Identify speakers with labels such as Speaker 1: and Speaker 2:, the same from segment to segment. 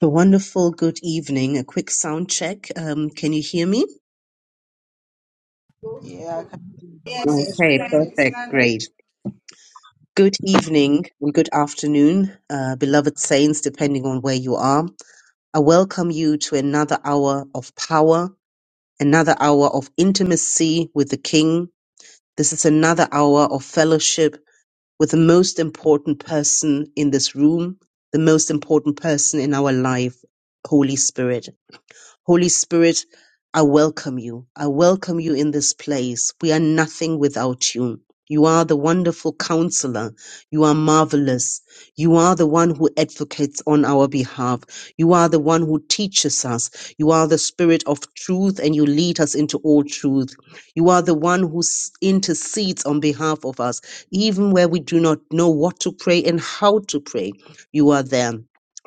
Speaker 1: A wonderful good evening. A quick sound check. Um, can you hear me?
Speaker 2: Yeah, I can hear you.
Speaker 3: Yes,
Speaker 4: Yes,
Speaker 3: it's
Speaker 1: Okay,
Speaker 4: we come
Speaker 3: clear.
Speaker 4: here.
Speaker 3: It's
Speaker 1: perfect.
Speaker 3: not going
Speaker 1: Great. Good evening and good afternoon, uh, beloved saints, depending on where you are. I welcome you to another hour of power, another hour of intimacy with the King. This is another hour of fellowship with the most important person in this room, the most important person in our life, Holy Spirit. Holy Spirit, I welcome you. I welcome you in this place. We are nothing without you. You are the wonderful counselor. You are marvelous. You are the one who advocates on our behalf. You are the one who teaches us. You are the spirit of truth and you lead us into all truth. You are the one who s- intercedes on behalf of us, even where we do not know what to pray and how to pray. You are there.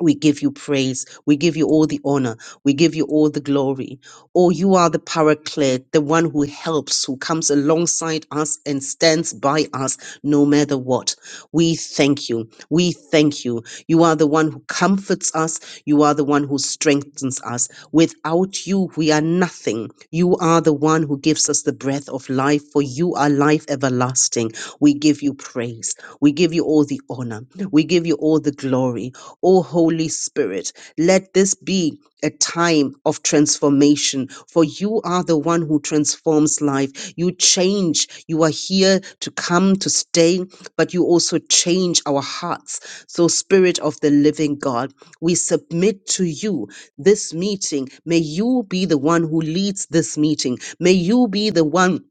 Speaker 1: We give you praise. We give you all the honor. We give you all the glory. Oh, you are the paraclete, the one who helps, who comes alongside us and stands by us no matter what. We thank you. We thank you. You are the one who comforts us. You are the one who strengthens us. Without you, we are nothing. You are the one who gives us the breath of life, for you are life everlasting. We give you praise. We give you all the honor. We give you you all the glory. O Holy Spirit, let this be a time of transformation, for you are the one who transforms life. You change. You are here to come, to stay, but you also change our hearts. So, Spirit of the living God, we submit to you this meeting. May you be the one who leads this meeting. May you be the one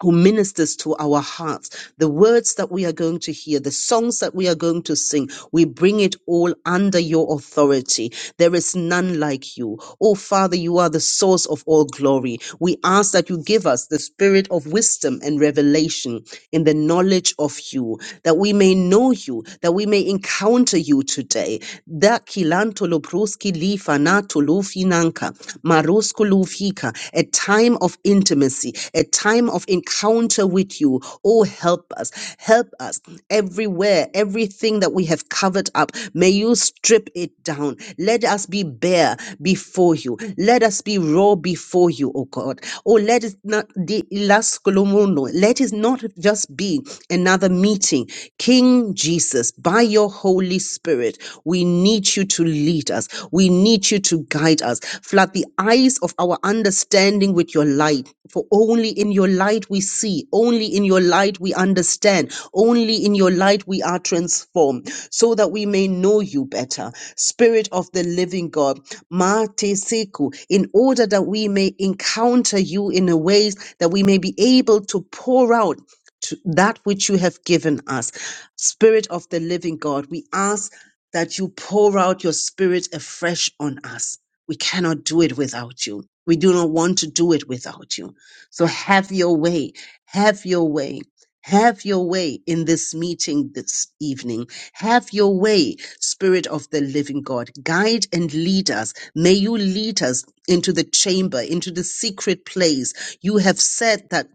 Speaker 1: who ministers to our hearts, the words that we are going to hear, the songs that we are going to sing, we bring it all under your authority. There is none like you. Oh, Father, you are the source of all glory. We ask that you give us the spirit of wisdom and revelation in the knowledge of you, that we may know you, that we may encounter you today. Da kilanto lo lufinanka, marusku lufika, a time of intimacy, a time of encounter with you. Oh, help us, help us everywhere, everything that we have covered up. May you strip it down. Let us be bare before you. Let us be raw before you, oh God. Oh, let it not the ilaskulumuno. Let it not just be another meeting. King Jesus, by your Holy Spirit, we need you to lead us. We need you to guide us. Flood the eyes of our understanding with your light. For only in your light we see, only in your light we understand, only in your light we are transformed, so that we may know you better. Spirit of the living God, Mate Seku, in order that we may encounter you in a ways that we may be able to pour out to that which you have given us Spirit of the living God, we ask that you pour out your spirit afresh on us. We cannot do it without you. We do not want to do it without you. So have your way. Have your way. Have your way in this meeting this evening. Have your way, Spirit of the living God. Guide and lead us. May you lead us into the chamber, into the secret place. You have said that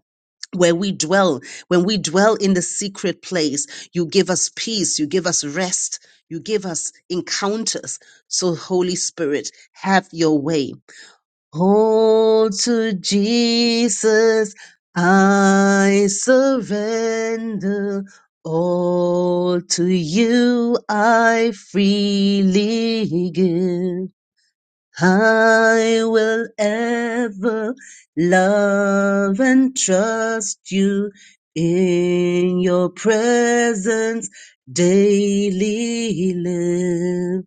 Speaker 1: where we dwell, when we dwell in the secret place, you give us peace, you give us rest, you give us encounters. So, Holy Spirit, have your way. All to Jesus, I surrender. All to you I freely give. I will ever love and trust you in your presence daily live.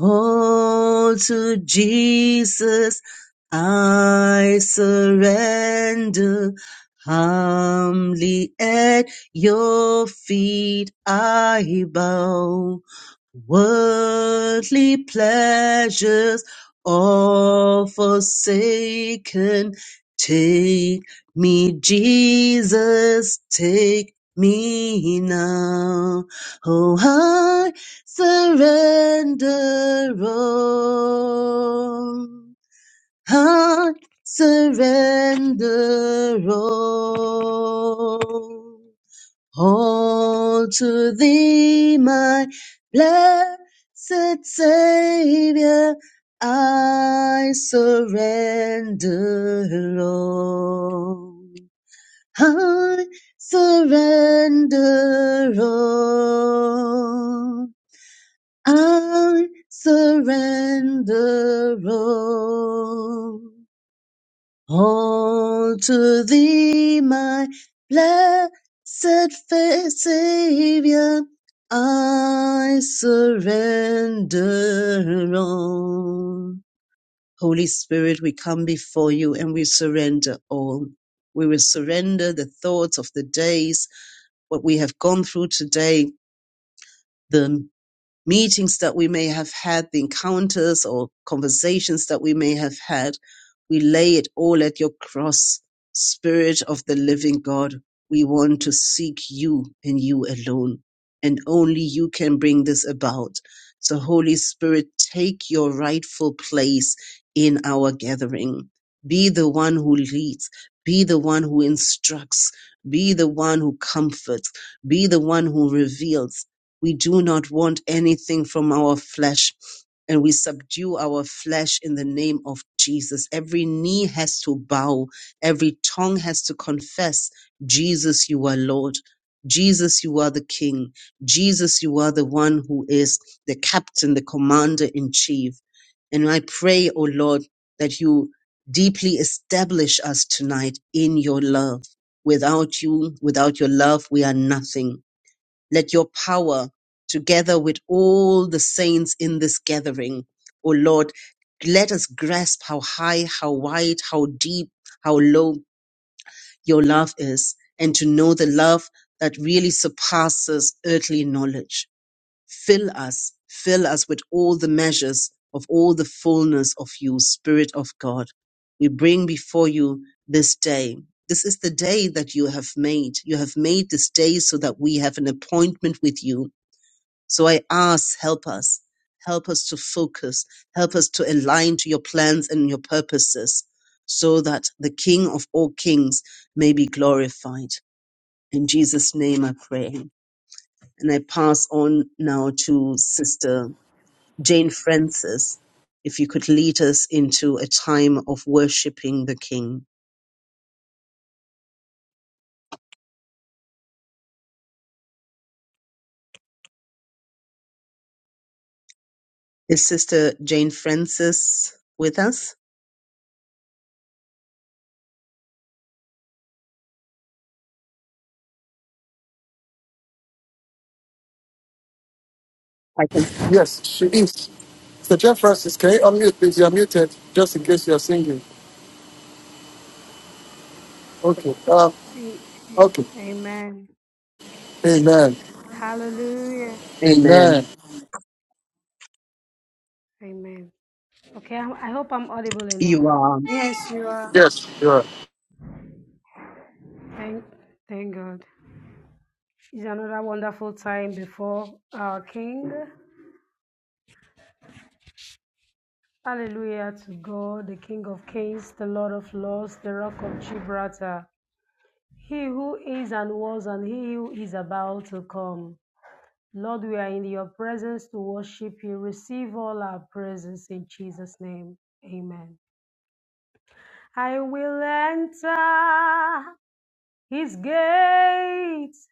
Speaker 1: All to Jesus I surrender. Humbly at your feet I bow. Worldly pleasures all forsaken. Take me, Jesus, take me now. Oh, I surrender all. I surrender all. All to thee, my blessed Savior, I surrender all. I surrender all. I surrender all. All to thee, my blessed Fa- Savior, I surrender all. Holy Spirit, we come before you and we surrender all. We will surrender the thoughts of the days, what we have gone through today, the meetings that we may have had, the encounters or conversations that we may have had, we lay it all at your cross. Spirit of the living God, we want to seek you and you alone. And only you can bring this about. So, Holy Spirit, take your rightful place in our gathering. Be the one who leads. Be the one who instructs. Be the one who comforts. Be the one who reveals we do not want anything from our flesh. And we subdue our flesh in the name of Jesus. Every knee has to bow. Every tongue has to confess, Jesus, you are Lord. Jesus, you are the King. Jesus, you are the one who is the captain, the commander in chief. And I pray, O Lord, that you deeply establish us tonight in your love. Without you, without your love, we are nothing. Let your power, together with all the saints in this gathering, O Lord, let us grasp how high, how wide, how deep, how low your love is, and to know the love that really surpasses earthly knowledge. Fill us, fill us with all the measures of all the fullness of you, Spirit of God. We bring before you this day. This is the day that you have made. You have made this day so that we have an appointment with you so I ask, help us. Help us to focus. Help us to align to your plans and your purposes so that the King of all kings may be glorified. In Jesus' name I pray. And I pass on now to Sister Jane Francis. If you could lead us into a time of worshiping the King. Is Sister Jane Francis with us?
Speaker 5: Yes, she is. Mr. Jeff Francis, can you unmute, please? You're muted, just in case you're singing. Okay. Um,
Speaker 6: A- a-
Speaker 5: okay.
Speaker 6: Amen.
Speaker 5: Amen.
Speaker 6: Hallelujah.
Speaker 5: Amen.
Speaker 1: Amen.
Speaker 6: Amen. Okay, I I hope I'm audible enough.
Speaker 1: You are.
Speaker 3: Yes,
Speaker 5: Yes, you are.
Speaker 6: Thank, thank God. It's another wonderful time before our King. Hallelujah to God, the King of Kings, the Lord of Lords, the Rock of Gibraltar. He who is and was and he who is about to come. Lord, we are in your presence to worship you. Receive all our praises in Jesus' name. Amen. I will enter. his gates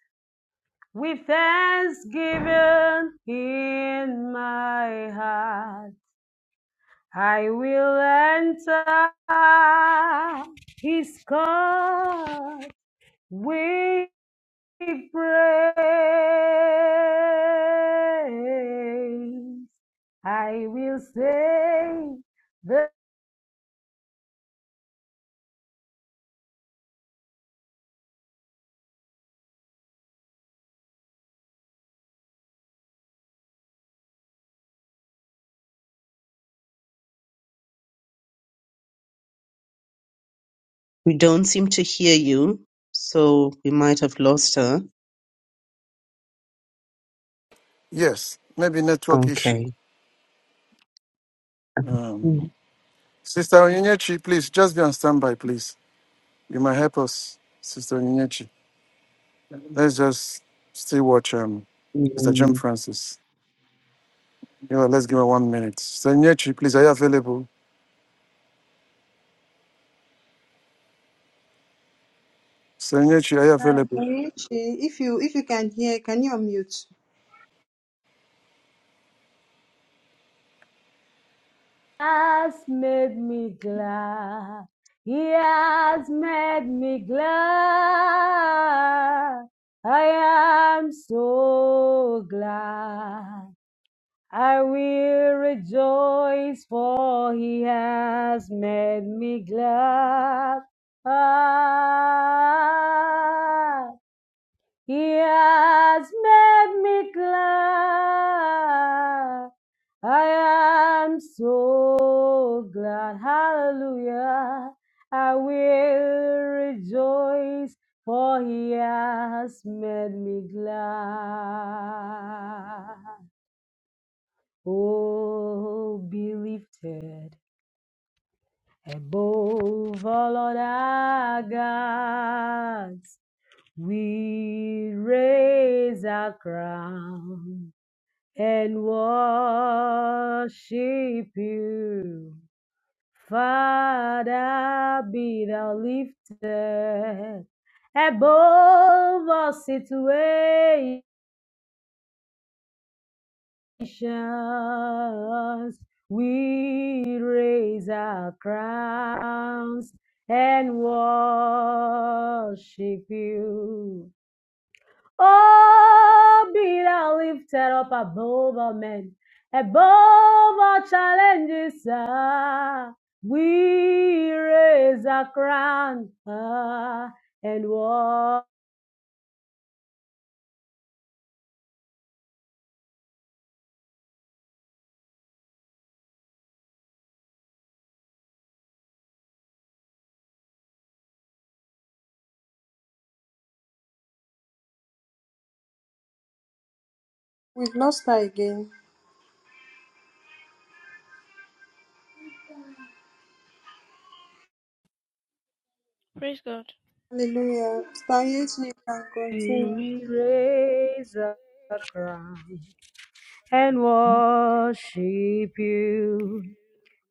Speaker 6: with thanksgiving in my heart. I will enter his court with praise. I will say the.
Speaker 1: We don't seem to hear you, so we might have lost her.
Speaker 5: Yes, maybe network issue.
Speaker 1: Okay.
Speaker 5: Um, Sister Onyechi, please, just be on standby, please. You might help us, Sister Onyechi. Let's just still watch um, Sister Jim
Speaker 1: Amen.
Speaker 5: Francis. You know, let's give her one minute. Sister Onyechi, please, are you available? Sister Onyechi, are you available?
Speaker 3: Uche, if you if you can hear, can you unmute?
Speaker 6: has made me glad. He has made me glad. I am so glad. I will rejoice for he has made me glad. Ah, he has made me glad. I am so glad. Hallelujah. I will rejoice, for he has made me glad. Oh, be lifted above all other gods. We raise our crown and worship you. Father, be thou lifted above all situations. We raise our crowns and worship you. Oh, be thou lifted up above all men, above all challenges. Ah, we raise a crown ah, and
Speaker 3: We've lost her again.
Speaker 7: Praise God.
Speaker 3: Hallelujah. Sister Yeti, you can continue.
Speaker 6: we raise a crown and worship you.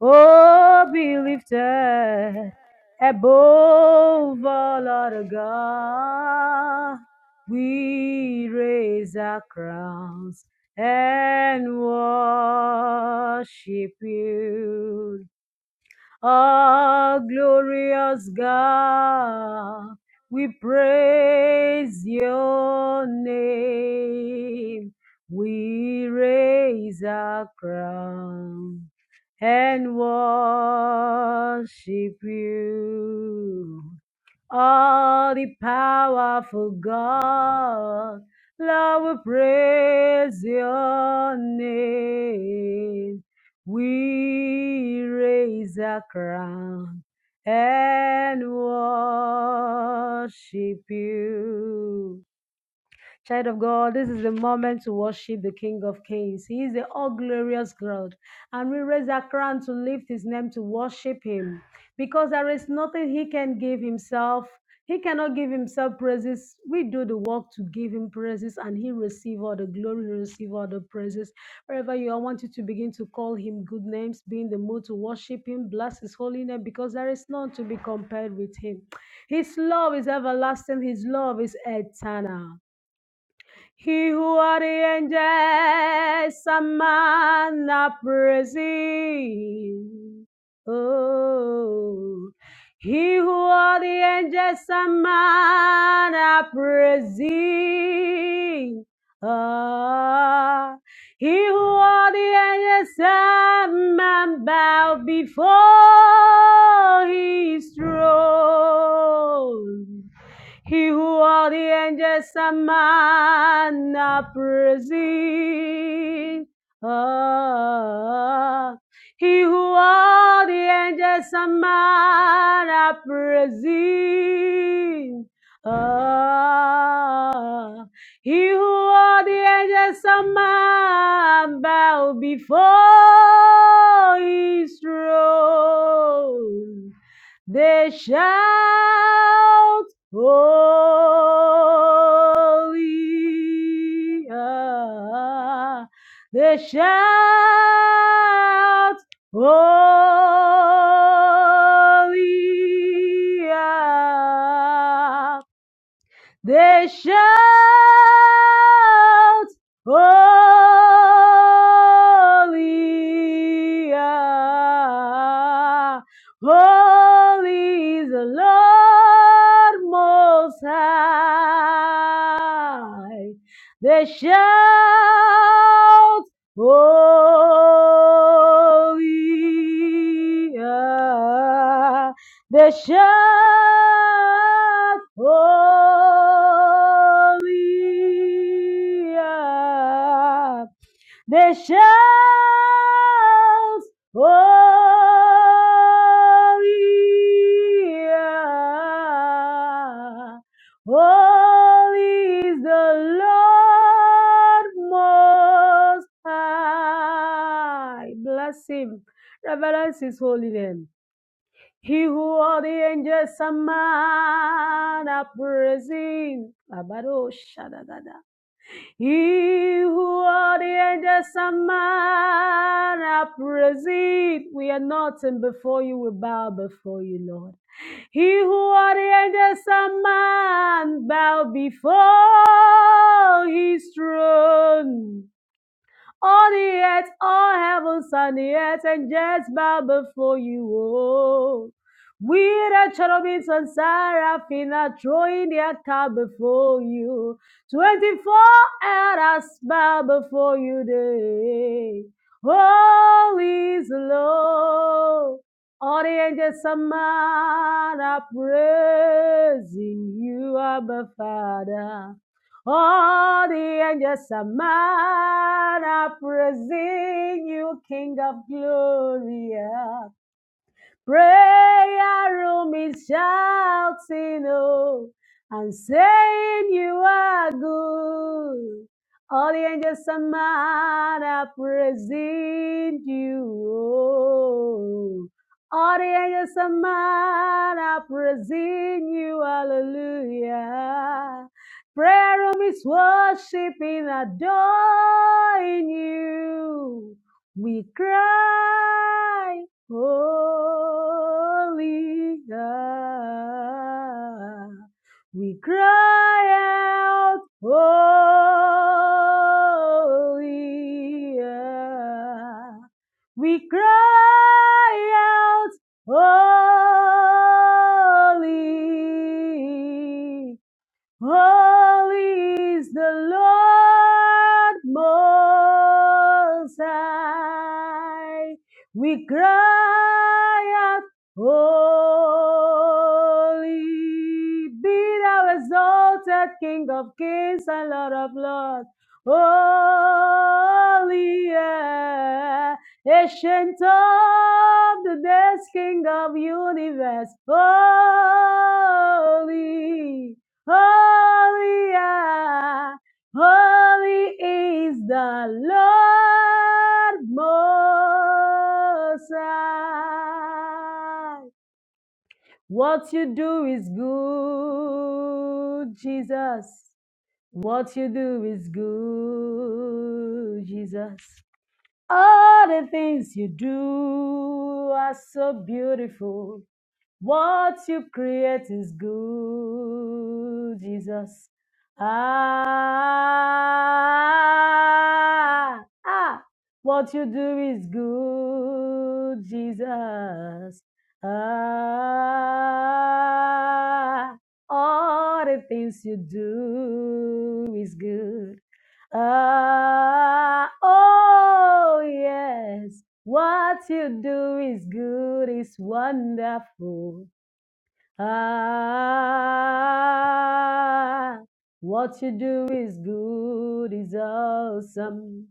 Speaker 6: Oh, be lifted above all other gods. We raise our crowns and worship you. Ah, glorious God, we praise your name. We raise our crown and worship you all the powerful God. Lord, we praise your name. We raise a crown and worship you. Child of God, this is the moment to worship the King of Kings. He is the all glorious God. And we raise our crown to lift his name to worship him because there is nothing he can give himself. He cannot give himself praises. We do the work to give him praises and he receive all the glory, he receive all the praises. Wherever you are, I want you to begin to call him good names, be in the mood to worship him, bless his holy name because there is none to be compared with him. His love is everlasting, his love is eternal. He who are ordains a man a praising. Oh, he who are ordains a man a praising. Ah, he who are ordains a man bow before his throne. He who all the angels summon, now proceed. Ah, he who all the angels summon, now proceed. Ah, he who all the angels summon, bow before his throne. They shout, Holy. ah. They shout, Holy. ah. They shout, Holy, ah, Holy is the Lord Most High. They shout, Holy, ah, they shout holy. ah. They shout holy. ah. Holy is the Lord Most High. Bless Him. Reverence His holy name. He who all the angels summon are praising. Abado He who all the angels summon are praising. We are nothing before you. We bow before you, Lord. He who all the angels summon bow before his throne. All the earth, all heavens and the earth, and just bow before you. Oh. We the cherubims and seraphim are throwing their cap before you. Twenty-four elders bow before you. Day. Holy is the Lord. All the angels and man are praising you, Abba Father. All the angels are mad, are praising you, King of glory. Prayer room is shouting, oh, and saying you are good. All the angels and man are praising you. oh. All the angels and man are praising you. Hallelujah. Prayer room is worshiping, adoring you. We cry. Holy God, we cry out, Holy God. We cry out, Holy Holy is the Lord Most High. We cry out, Holy be thou exalted, King of kings and Lord of lords. Holy, yeah. ancient of the days, King of universe. Holy. Holy, ah, holy is the Lord Most High. What you do is good, Jesus. What you do is good, Jesus. All the things you do are so beautiful. What you create is good, Jesus. Ah, ah, what you do is good, Jesus. Ah, all the things you do is good. Ah, oh yes, what you do is good, is wonderful. Ah, what you do is good, is awesome.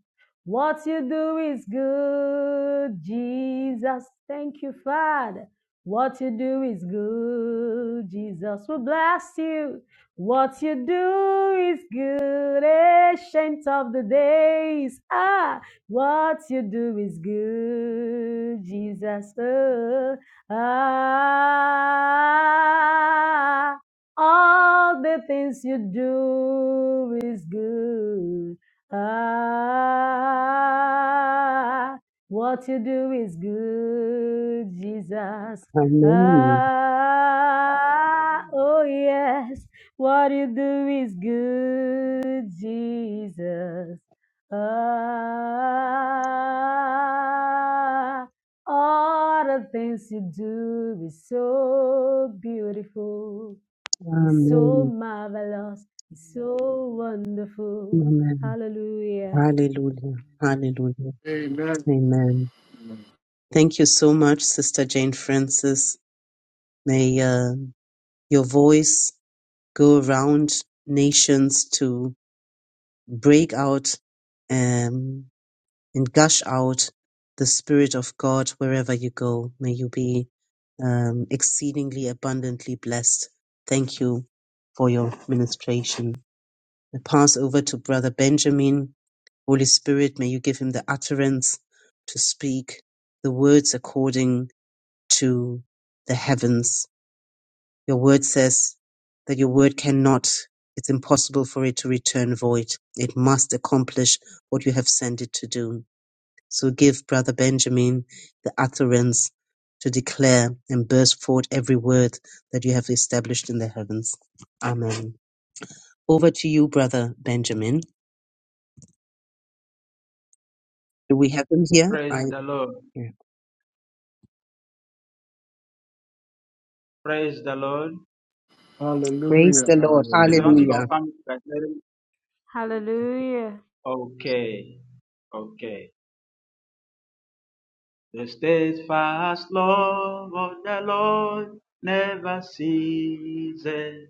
Speaker 6: What you do is good, Jesus. Thank you, Father. What you do is good, Jesus will bless you. What you do is good, ancient of the days. Ah, what you do is good, Jesus. Oh, Ah, all the things you do is good. Ah, what you do is good, Jesus.
Speaker 1: Amen.
Speaker 6: Ah, oh yes, what you do is good, Jesus. Ah, all the things you do is so beautiful. It's so
Speaker 1: Amen.
Speaker 6: marvelous. It's so wonderful.
Speaker 1: Amen.
Speaker 6: Hallelujah.
Speaker 1: Hallelujah. Hallelujah.
Speaker 5: Amen.
Speaker 1: Amen. Thank you so much, Sister Jane Francis. May uh, your voice go around nations to break out. um, and gush out the Spirit of God wherever you go. May you be um, exceedingly abundantly blessed. Thank you for your ministration. I pass over to Brother Benjamin. Holy Spirit, may you give him the utterance to speak the words according to the heavens. Your word says that your word cannot, it's impossible for it to return void. It must accomplish what you have sent it to do. So give brother Benjamin the utterance to declare and burst forth every word that you have established in the heavens. Amen. Over to you, brother Benjamin. Do we have him here? I
Speaker 8: Praise the Lord.
Speaker 1: yeah.
Speaker 8: Praise the Lord.
Speaker 1: praise
Speaker 5: Hallelujah.
Speaker 1: the Lord.
Speaker 8: Please, I want to
Speaker 9: Hallelujah.
Speaker 1: Hallelujah.
Speaker 8: confirm if you guys
Speaker 6: Hallelujah.
Speaker 8: Okay. Okay. The steadfast love of the Lord never ceases.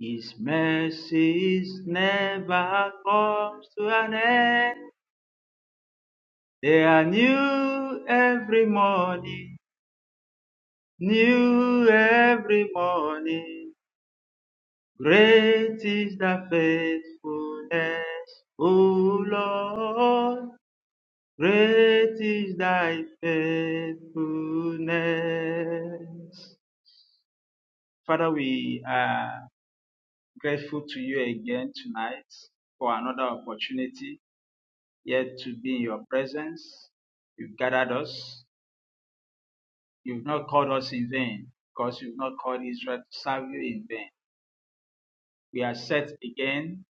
Speaker 8: His mercies never comes to an end. They are new every morning. New every morning. Great is the faithfulness, O Lord. Great is thy faithfulness. Father, we are grateful to you again tonight for another opportunity yet to be in your presence. You've gathered us. You've not called us in vain because you've not called Israel to serve you in vain. We are set again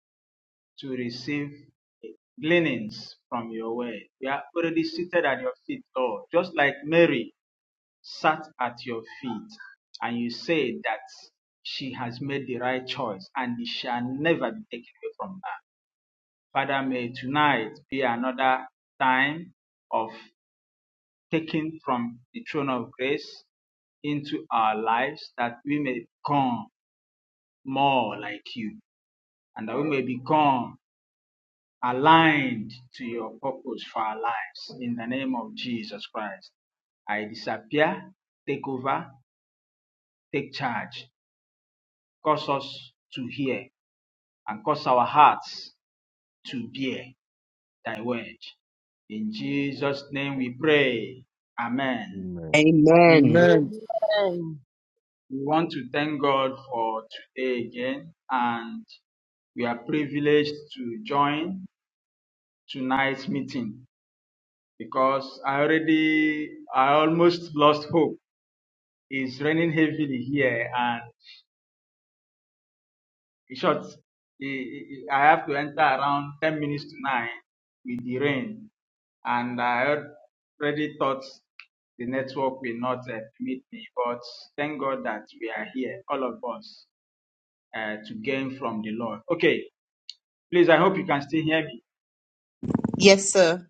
Speaker 8: to receive gleanings from your word. We are already seated at your feet, Lord, just like Mary sat at your feet and you say that she has made the right choice and it shall never be taken away from her. Father, may tonight be another time of taking from the throne of grace into our lives that we may become more like you and that we may become aligned to your purpose for our lives. In the name of Jesus Christ, I disappear, take over, take charge Cause us to hear and cause our hearts to bear thy word. In Jesus' name we pray. Amen.
Speaker 9: Amen.
Speaker 1: Amen.
Speaker 5: Amen.
Speaker 8: We want to thank God for today again, and we are privileged to join tonight's meeting because I already, I almost lost hope. It's raining heavily here, and in short, I have to enter around 10 minutes to 9 with the rain. and I already thought the network will not uh, permit me, but thank God that we are here, all of us, uh, to gain from the Lord. Okay, please, I hope you can still hear me.
Speaker 1: Yes, sir.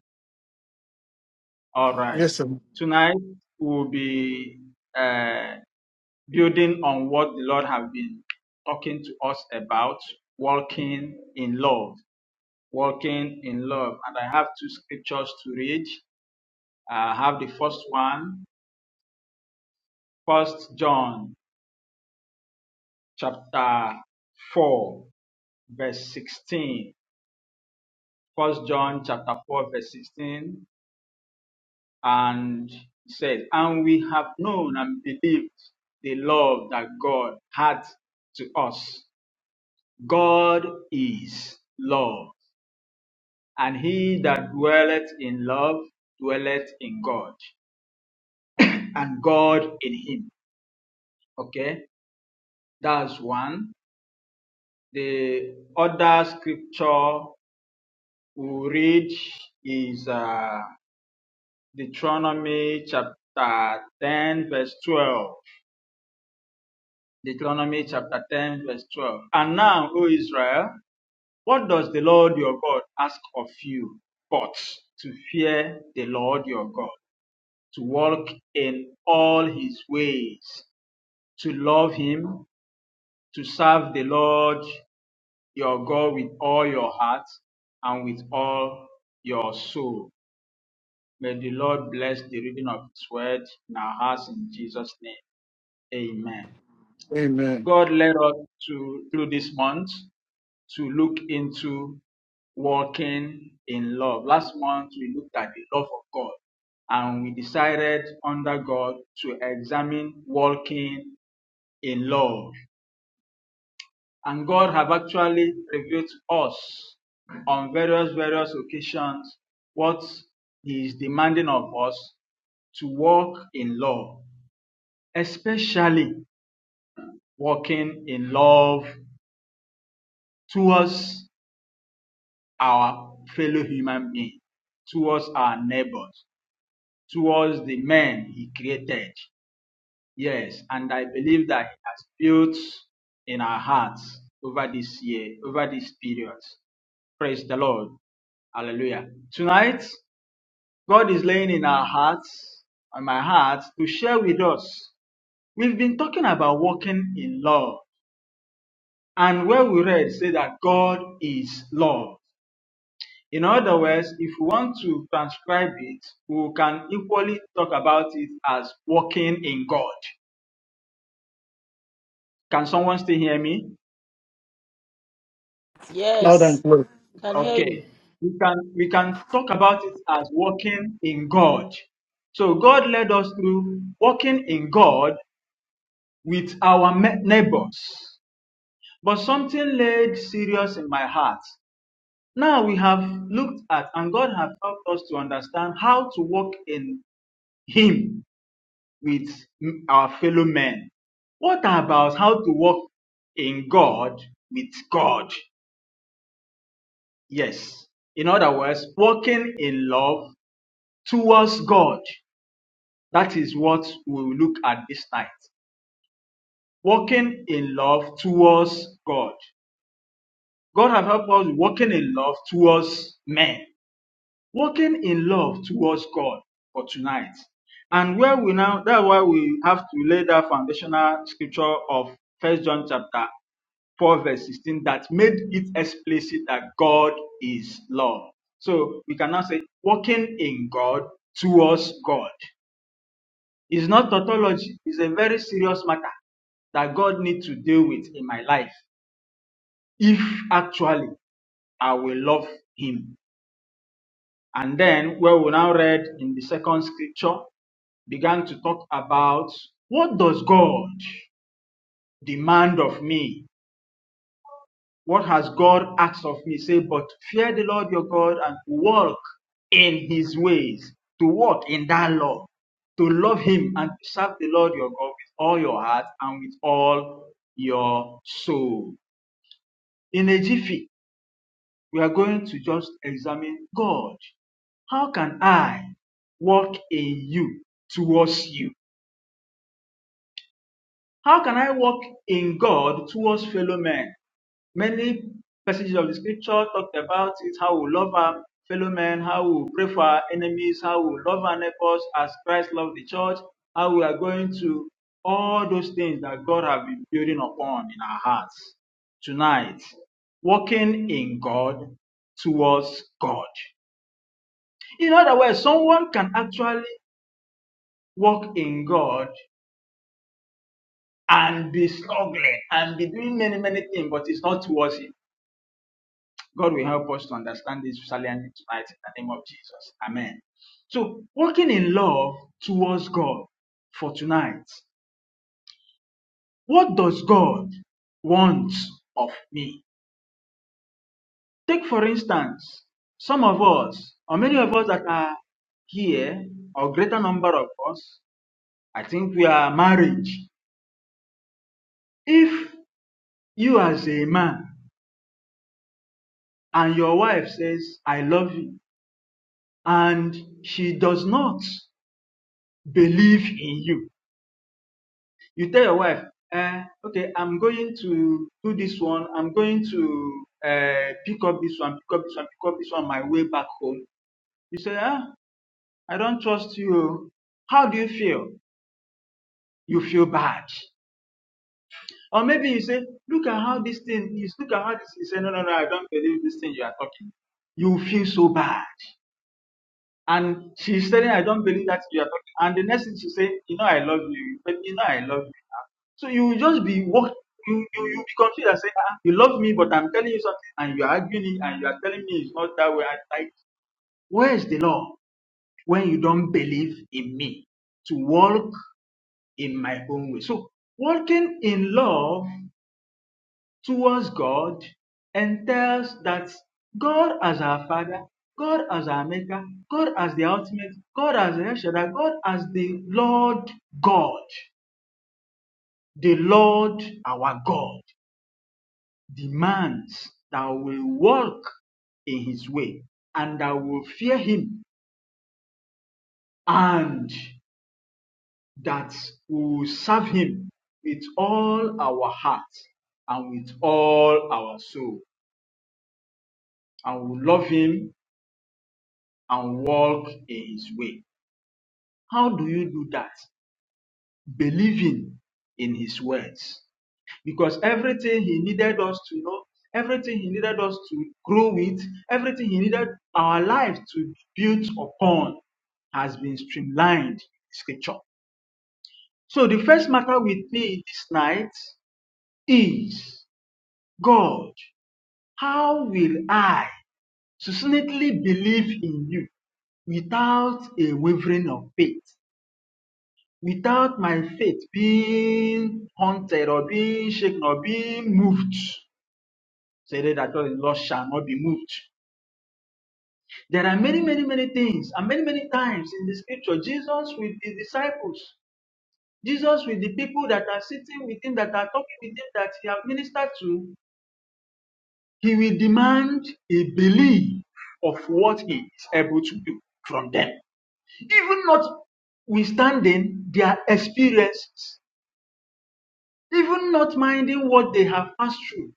Speaker 8: All right.
Speaker 5: Yes, sir.
Speaker 8: Tonight we'll be uh, building on what the Lord has been talking to us about walking in love. Walking in love. And I have two scriptures to read. I have the first one, First John chapter 4, verse 16. First John chapter 4, verse 16. And it says, And we have known and believed the love that God had to us. God is love, and he that dwelleth in love dwelleth in God, and God in him. Okay, that's one. The other scripture we read is uh, Deuteronomy chapter 10, verse 12. Deuteronomy chapter 10, verse 12. And now, O Israel, what does the Lord your God ask of you but to fear the Lord your God, to walk in all his ways, to love him, to serve the Lord your God with all your heart and with all your soul? May the Lord bless the reading of his word in our hearts in Jesus' name. Amen.
Speaker 5: Amen.
Speaker 8: God led us to through this month to look into walking in love. Last month we looked at the love of God and we decided under God to examine walking in love. And God have actually revealed to us on various various occasions what He is demanding of us to walk in love, especially walking in love towards our fellow human being, towards our neighbors, towards the men He created. Yes, and I believe that He has built in our hearts over this year, over this period. Praise the Lord. Hallelujah. Tonight, God is laying in our hearts, on my heart, to share with us. We've been talking about walking in love. And where we read, say that God is love. In other words, if we want to transcribe it, we can equally talk about it as walking in God. Can someone still hear me?
Speaker 5: Loud and
Speaker 2: Yes,
Speaker 5: clear.
Speaker 2: can hear you.
Speaker 8: Okay. We can we can talk about it as walking in God. So God led us through walking in God with our me- neighbors. But something laid serious in my heart. Now we have looked at and God has helped us to understand how to walk in Him with our fellow men. What about how to walk in God with God? Yes. In other words, walking in love towards God. That is what we will look at this night. Walking in love towards God. God have helped us walking in love towards men. walking in love towards God for tonight. And where we now, that's why we have to lay that foundational scripture of First John chapter 4 verse 16 that made it explicit that God is love. So we can now say walking in God towards God. It's not tautology, it's a very serious matter that God needs to deal with in my life if actually I will love Him And then, where we now read in the second scripture, began to talk about what does God demand of me? What has God asked of me? Say, but fear the Lord your God and walk in his ways, to walk in that law, to love him and to serve the Lord your God with all your heart and with all your soul. In a jiffy, we are going to just examine God. How can I walk in you towards you? How can I walk in God towards fellow men? Many passages of the scripture talked about it how we love our fellow men, how we pray for our enemies, how we love our neighbors as Christ loved the church, how we are going to all those things that God has been building upon in our hearts. Tonight, walking in God towards God. In other words, someone can actually walk in God and be struggling and be doing many, many things, but it's not towards Him. God will help us to understand this saliently tonight in the name of Jesus. Amen. So, walking in love towards God for tonight. What does God want of me? Take, for instance, some of us, or many of us that are here, or greater number of us, I think we are married. If you as a man and your wife says, I love you, and she does not believe in you, you tell your wife, eh, okay, I'm going to do this one, I'm going to uh, pick up this one, pick up this one, pick up this one on my way back home. You say, ah, I don't trust you. oh. How do you feel? You feel bad. Or maybe you say, look at how this thing is, look at how this is. You say, no, no, no, I don't believe this thing you are talking. You feel so bad And she's telling her, I don't believe that you are talking. And the next thing she say, you know I love you, but you know I love you. Ah, So you will just be walk you you you be confused and say, ah, you love me, but I'm telling you something, and you are arguing it, and you are telling me it's not that way. And like, where is the law when you don't believe in me to walk in my own way? So walking in love towards God entails that God as our Father, God as our Maker, God as the ultimate, God as the El Shaddai, God as the Lord God, the Lord our God demands that we walk in His way and that we fear Him and that we will serve Him with all our heart and with all our soul and we love Him and walk in his way. How do you do that? Believing in his words. Because everything he needed us to know, everything he needed us to grow with, everything he needed our life to build upon has been streamlined in scripture. So the first matter with me this night is God, how will I succinctly believe in you without a wavering of faith? without my faith being haunted or being shaken or being moved. Say that the Lord shall not be moved. There are many, many, many things, and many, many times in the scripture, Jesus with his disciples, Jesus with the people that are sitting with him, that are talking with him, that he has ministered to, he will demand a belief of what he is able to do from them. Even notwithstanding their experiences. even not minding what they have passed through.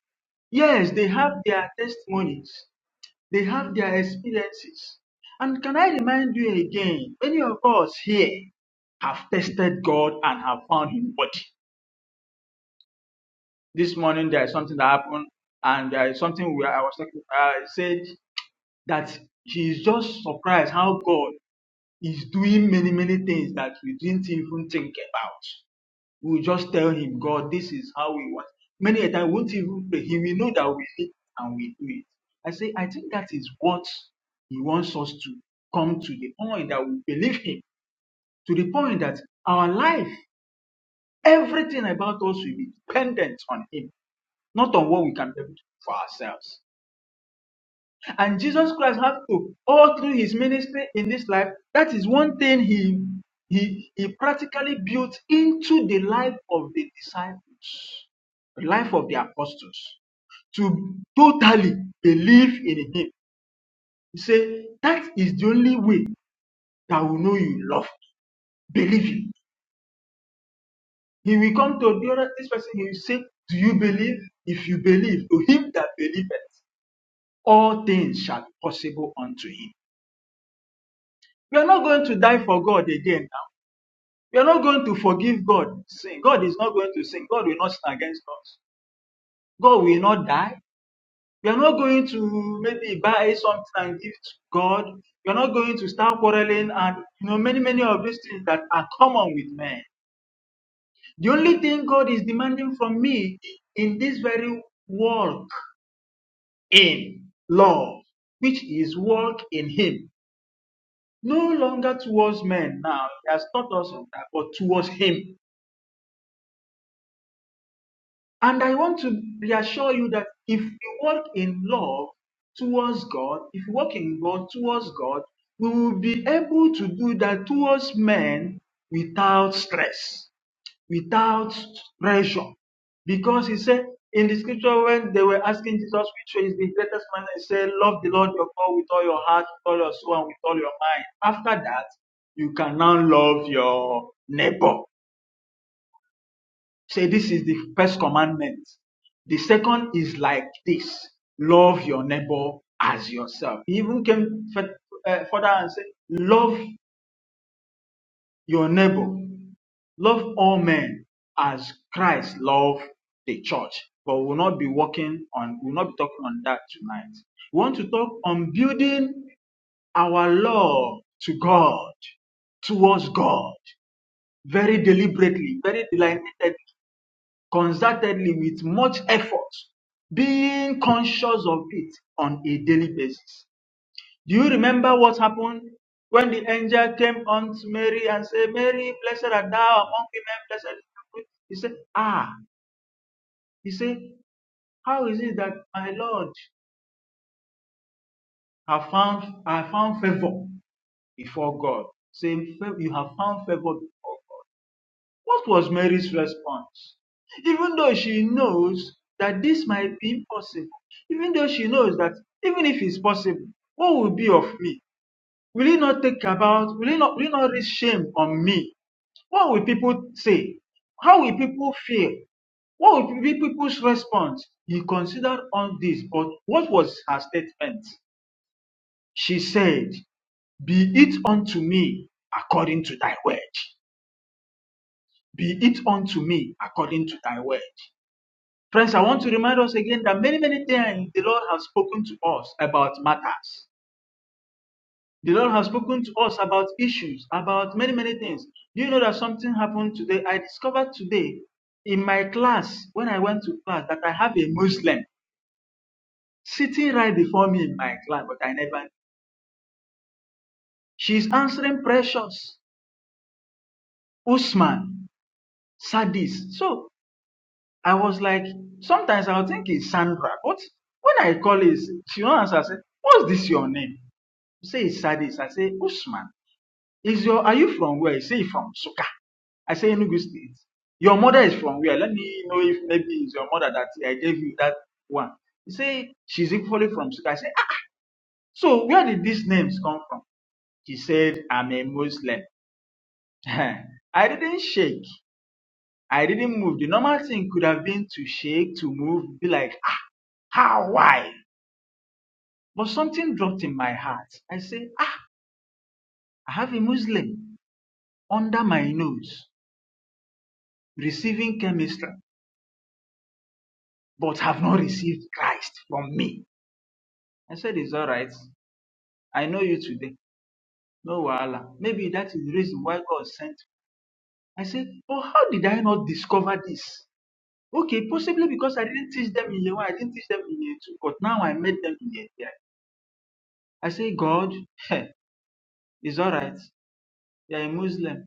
Speaker 8: Yes, they have their testimonies, they have their experiences. And can I remind you again, many of us here have tested God and have found Him worthy. This morning there is something that happened, and there is something where I was talking. I said that he is just surprised how God is doing many many things that we didn't even think about. We will just tell him, God, this is how we want. Many a time we won't even pray. He will know that we need and we do it. I say, I think that is what he wants us to come to the point that we believe him, to the point that our life, everything about us will be dependent on him, not on what we can be able to do for ourselves. And Jesus Christ had to, all through his ministry in this life, that is one thing he, he, he practically built into the life of the disciples, the life of the apostles, to totally believe in him. He said, That is the only way that will know you love, believe Him. He will come to the other, this person, he will say, Do you believe? If you believe, to him that believeth, all things shall be possible unto him. We are not going to die for God again. We are not going to forgive God. Sin. God is not going to sin. God will not sin against us. God will not die. We are not going to maybe buy something and give to God. We are not going to start quarreling and you know many many of these things that are common with men. The only thing God is demanding from me in this very walk in love, which is walk in Him, no longer towards men. Now He has taught us of that, but towards Him And I want to reassure you that if you walk in love towards God, if you walk in love towards God, we will be able to do that towards men without stress, without pressure. Because he said in the scripture when they were asking Jesus which way is the greatest man, he said, Love the Lord your God with all your heart, with all your soul, and with all your mind. After that, you can now love your neighbor. Say this is the first commandment. The second is like this: love your neighbor as yourself. He even came f- uh, further and said, love your neighbor, love all men as Christ loved the church. But we'll not be working on, we'll not be talking on that tonight. We want to talk on building our love to God, towards God, very deliberately, very deliberately. concertedly with much effort, being conscious of it on a daily basis. Do you remember what happened when the angel came unto Mary and said, Mary, blessed art thou among women, blessed is the fruit. He said, Ah, he said, How is it that my Lord have found I found favor before God? Saying, You have found favor before God. What was Mary's response? Even though she knows that this might be impossible, even though she knows that even if it's possible, what will be of me? Will it not take about, will it not, will it not risk shame on me? What will people say? How will people feel? What would be people's response? He considered all this, but what was her statement? She said, Be it unto me according to thy word. Be it unto me according to thy word. Friends, I want to remind us again that many, many times the Lord has spoken to us about matters. The Lord has spoken to us about issues, about many, many things. Do you know that something happened today? I discovered today in my class, when I went to class, that I have a Muslim sitting right before me in my class, but I never. She's answering precious, Usman, Sadis. So I was like, sometimes I'll think it's Sandra, but when I call it, she will answer, I say, What's this your name? say it's Sadis. I say, Usman, is your are you from where? He say from Suka. I say Enugu State. Your mother is from where? Let me know if maybe it's your mother that I gave you that one. He say she's equally from Suka. I say, ah, ah, so where did these names come from? She said, I'm a Muslim. I didn't shake. I didn't move. The normal thing could have been to shake, to move, be like, ah, how, why? But something dropped in my heart. I say, ah, I have a Muslim under my nose. receiving chemistry, but have not received Christ from me. I said, It's all right. I know you today. No wahala. Maybe that is the reason why God sent. me. I said, But how did I not discover this? Okay, possibly because I didn't teach them in year one, I didn't teach them in year two, but now I made them in year three. I say, God, heh, it's all right. You're a Muslim,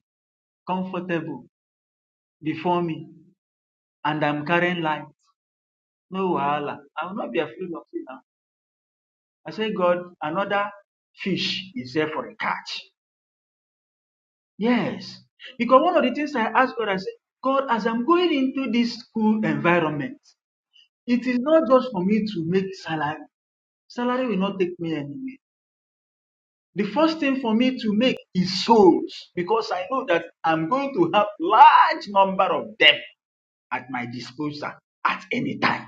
Speaker 8: comfortable before me, and I'm carrying light. No wahala. I will not be afraid of you now. I said, God, another fish is there for a catch. Yes. Because one of the things I asked God, I said, God, as I'm going into this school environment, it is not just for me to make salary. Salary will not take me anywhere. The first thing for me to make is souls because I know that I'm going to have large number of them at my disposal at any time.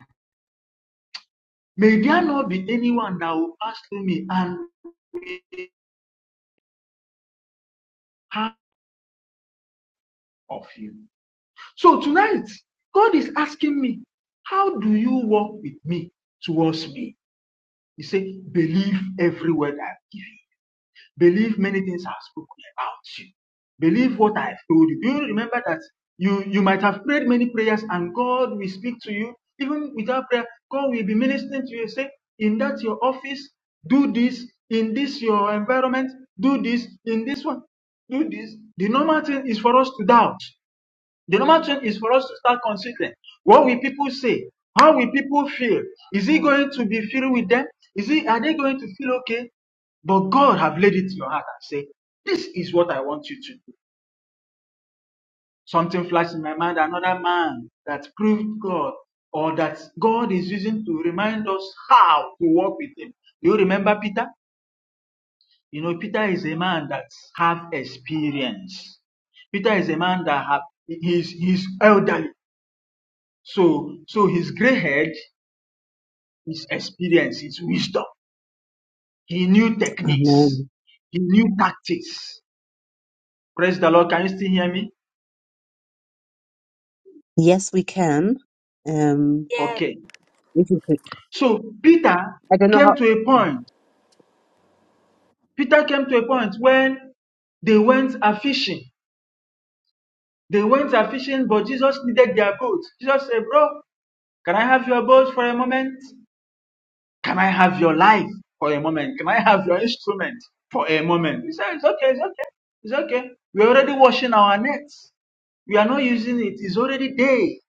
Speaker 8: May there not be anyone that will pass through me and will be part of you. So tonight, God is asking me, how do you walk with me towards me? He said, believe every word I've given you. Believe many things I've spoken about you. Believe what I've told you. Do you remember that you, you might have prayed many prayers and God will speak to you? Even without prayer, God will be ministering to you. and Say, in that your office, do this. In this your environment, do this. In this one, do this. The normal thing is for us to doubt. The normal thing is for us to start considering what will people say? How will people feel? Is it going to be filled with them? Is it are they going to feel okay? But God have laid it to your heart and say, This is what I want you to do. Something flashed in my mind, another man that proved God or that God is using to remind us how to walk with him. You remember Peter? You know, Peter is a man that have experience. Peter is a man that have he is he's elderly. So, so his gray head, his experience, his wisdom, he knew techniques,
Speaker 1: Amen.
Speaker 8: he knew tactics. Praise the Lord. Can you still hear me?
Speaker 1: Yes, we can. Um,
Speaker 8: Okay.
Speaker 1: if you could,
Speaker 8: So Peter
Speaker 1: I don't know
Speaker 8: came
Speaker 1: how.
Speaker 8: to a point. Peter came to a point when they went a fishing. They went a fishing, but Jesus needed their boat. Jesus said, Bro, can I have your boat for a moment? Can I have your life for a moment? Can I have your instrument for a moment? He said, It's okay, it's okay, it's okay. We're already washing our nets. We are not using it. It's already day.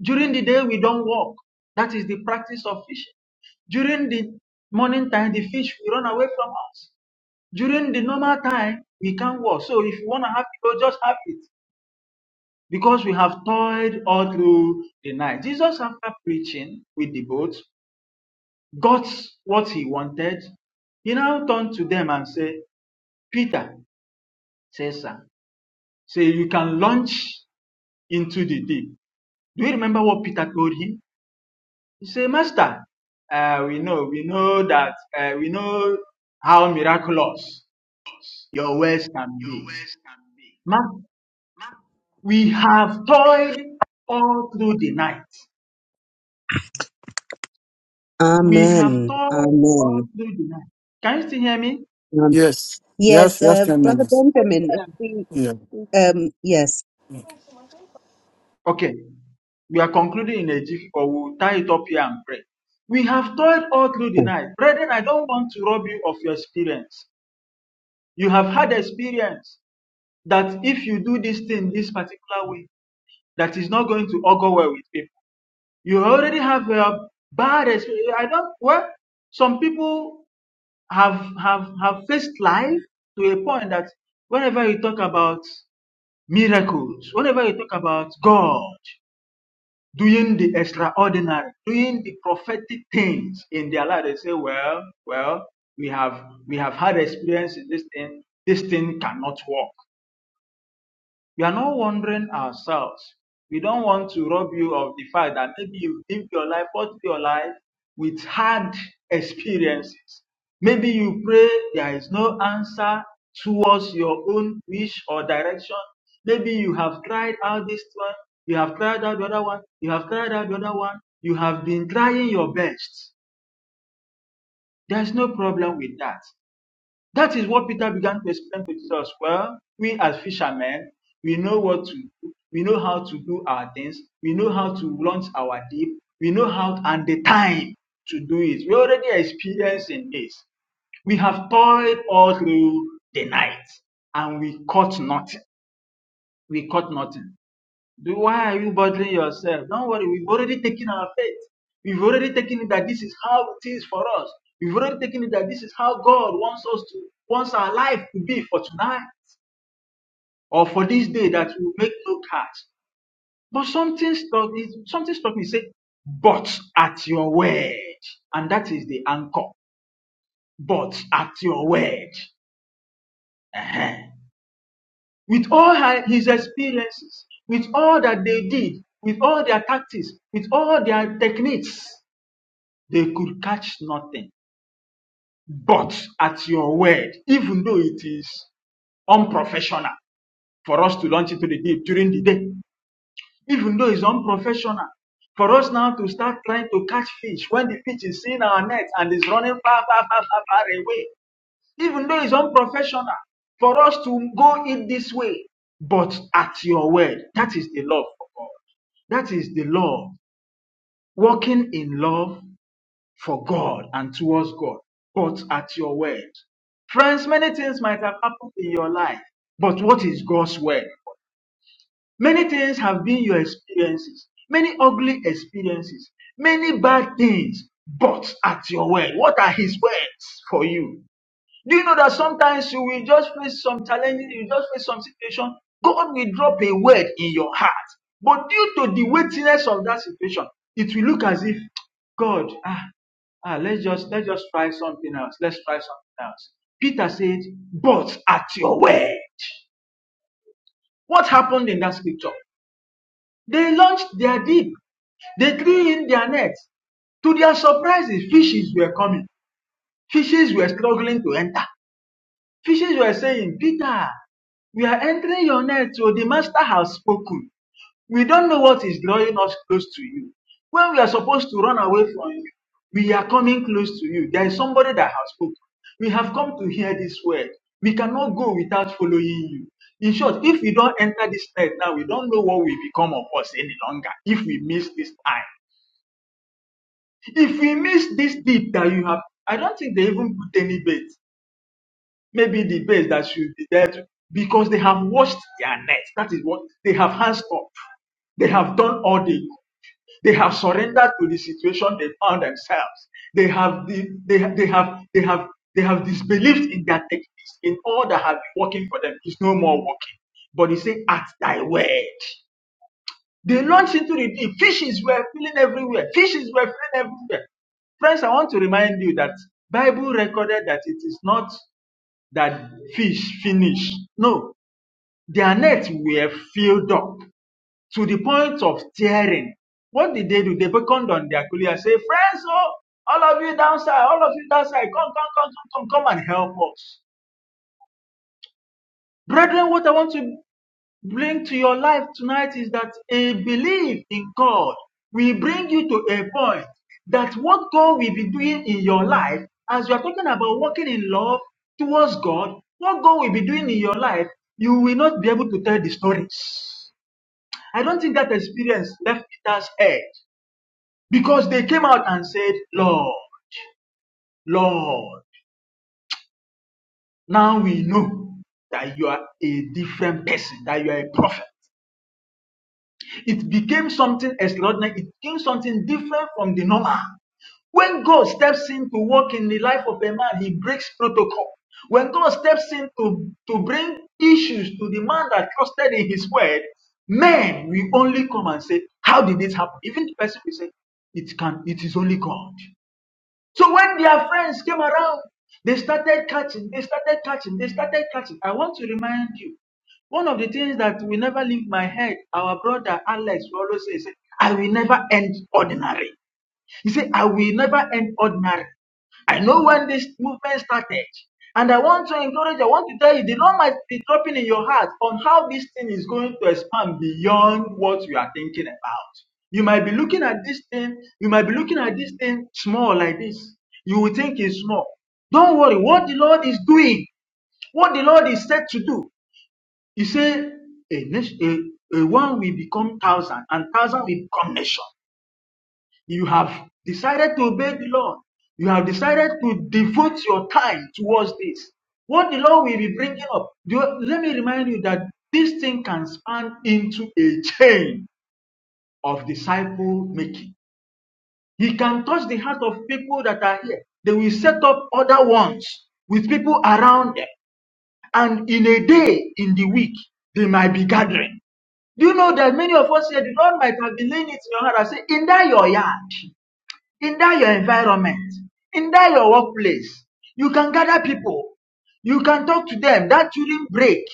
Speaker 8: During the day, we don't walk. That is the practice of fishing. During the morning time, the fish will run away from us. During the normal time, we can't walk. So if you want to have people, just have it. Because we have toiled all through the night. Jesus, after preaching with the boat, got what he wanted, he now turned to them and said, Peter, Caesar, say you can launch into the deep. Do you remember what Peter told him? He said, Master, uh, we know, we know that, uh, we know how miraculous your words can be. Man, we have toiled all through the night. We have
Speaker 1: Amen.
Speaker 8: toiled all
Speaker 1: Amen.
Speaker 8: through the night. Can you still hear me?
Speaker 1: Um,
Speaker 5: Yes. Yes,
Speaker 1: yes,
Speaker 5: yes,
Speaker 1: uh,
Speaker 5: 10
Speaker 1: brother
Speaker 5: minutes.
Speaker 1: Benjamin. If we,
Speaker 5: Yeah.
Speaker 10: Yes.
Speaker 1: um, yes.
Speaker 8: Okay, we are concluding in a jiffy, but we'll tie it up here and pray. We have toiled all through the night. Brethren, I don't want to rob you of your experience. You have had experience that if you do this thing this particular way, that is not going to augur well with people. You already have a bad experience. I don't, well, some people have, have, have faced life to a point that whenever you talk about miracles, whenever you talk about God, doing the extraordinary, doing the prophetic things in their life. They say, Well, well, we have we have had experience in this thing, this thing cannot work. We are not wondering ourselves. We don't want to rob you of the fact that maybe you lived your life, all your life with hard experiences. Maybe you pray, there is no answer towards your own wish or direction. Maybe you have tried out this one, you have tried out the other one, you have tried out the other one, you have been trying your best. There's no problem with that. That is what Peter began to explain to Jesus. Well, we as fishermen, we know what to do. We know how to do our things. We know how to launch our deep. We know how to, and the time to do it. We already experiencing this. We have toiled all through the night and we caught nothing. We caught nothing. Do- Why are you bothering yourself? Don't worry, we've already taken our faith. We've already taken it that this is how it is for us. We've already taken it that this is how God wants us to, wants our life to be for tonight or for this day that we make no cut. But something stuck, is- something stuck me, say, but at your word. And that is the anchor. But at your word. Ehen. With all her- his experiences, with all that they did, with all their tactics, with all their techniques, They could catch nothing. But at your word, even though it is unprofessional for us to launch into the deep during the day, even though it's unprofessional for us now to start trying to catch fish when the fish is in our net and is running far, far, far, far, far away, even though it's unprofessional for us to go it this way, but at your word, that is the love of God. That is the love, walking in love for God and towards God, but at your word. Friends, many things might have happened in your life, but what is God's word? Many things have been your experiences, many ugly experiences, many bad things, but at your word. What are His words for you? Do you know that sometimes you will just face some challenges, you just face some situation. God will drop a word in your heart. But due to the weightiness of that situation, it will look as if God, ah, ah, let's just let's just try something else. Let's try something else. Peter said, but at your word. What happened in that scripture? They launched their deep. They threw in their nets. To their surprises, fishes were coming. Fishes were struggling to enter. Fishes were saying, Peter, we are entering your net, so the master has spoken. We don't know what is drawing us close to you. When we are supposed to run away from you, we are coming close to you. There is somebody that has spoken. We have come to hear this word. We cannot go without following you. In short, if we don't enter this net now, we don't know what will become of us any longer if we miss this time. If we miss this deep that you have, I don't think they even put any bait maybe the base that should be there to, because they have washed their nets. That is what they have hands up. They have done all they could. They have surrendered to the situation they found themselves. They have the, they, they have they have they have disbelieved in their techniques, in all that have been working for them is no more working. But he said, at thy word. They launched into the deep. Fishes were filling everywhere. Fishes were filling everywhere. Friends, I want to remind you that Bible recorded that it is not that fish finish. No, their nets were filled up to the point of tearing. What did they do? They beckoned on their colleague and said, Friends, oh, all of you downside, all of you downside, come, come, come, come, come, come and help us. Brethren, what I want to bring to your life tonight is that a belief in God will bring you to a point that what God will be doing in your life, as you are talking about walking in love towards God, what God will be doing in your life, you will not be able to tell the stories. I don't think that experience left Peter's head because they came out and said, Lord, Lord, now we know that you are a different person, that you are a prophet. It became something extraordinary. It became something different from the normal. When God steps in to work in the life of a man, he breaks protocol. When God steps in to, to bring issues to the man that trusted in his word, men will only come and say, How did this happen? Even the person will say, It can, it is only God. So when their friends came around, they started catching, they started catching, they started catching. I want to remind you, one of the things that will never leave my head, our brother Alex will always say, say, I will never end ordinary. He said, I will never end ordinary. I know when this movement started. And I want to encourage, I want to tell you, the Lord might be dropping in your heart on how this thing is going to expand beyond what you are thinking about. You might be looking at this thing, you might be looking at this thing small like this. You will think it's small. Don't worry, what the Lord is doing, what the Lord is said to do. He said, a, nation, a, a one will become thousand, and thousand will become nation. You have decided to obey the Lord. You have decided to devote your time towards this. What the Lord will be bringing up, do- let me remind you that this thing can span into a chain of disciple making. He can touch the heart of people that are here. They will set up other ones with people around them. And in a day, in the week, they might be gathering. Do you know that many of us here, the Lord might have been laying it in your heart and say, in that your yard in that your environment, in that your workplace, you can gather people, you can talk to them. That during break,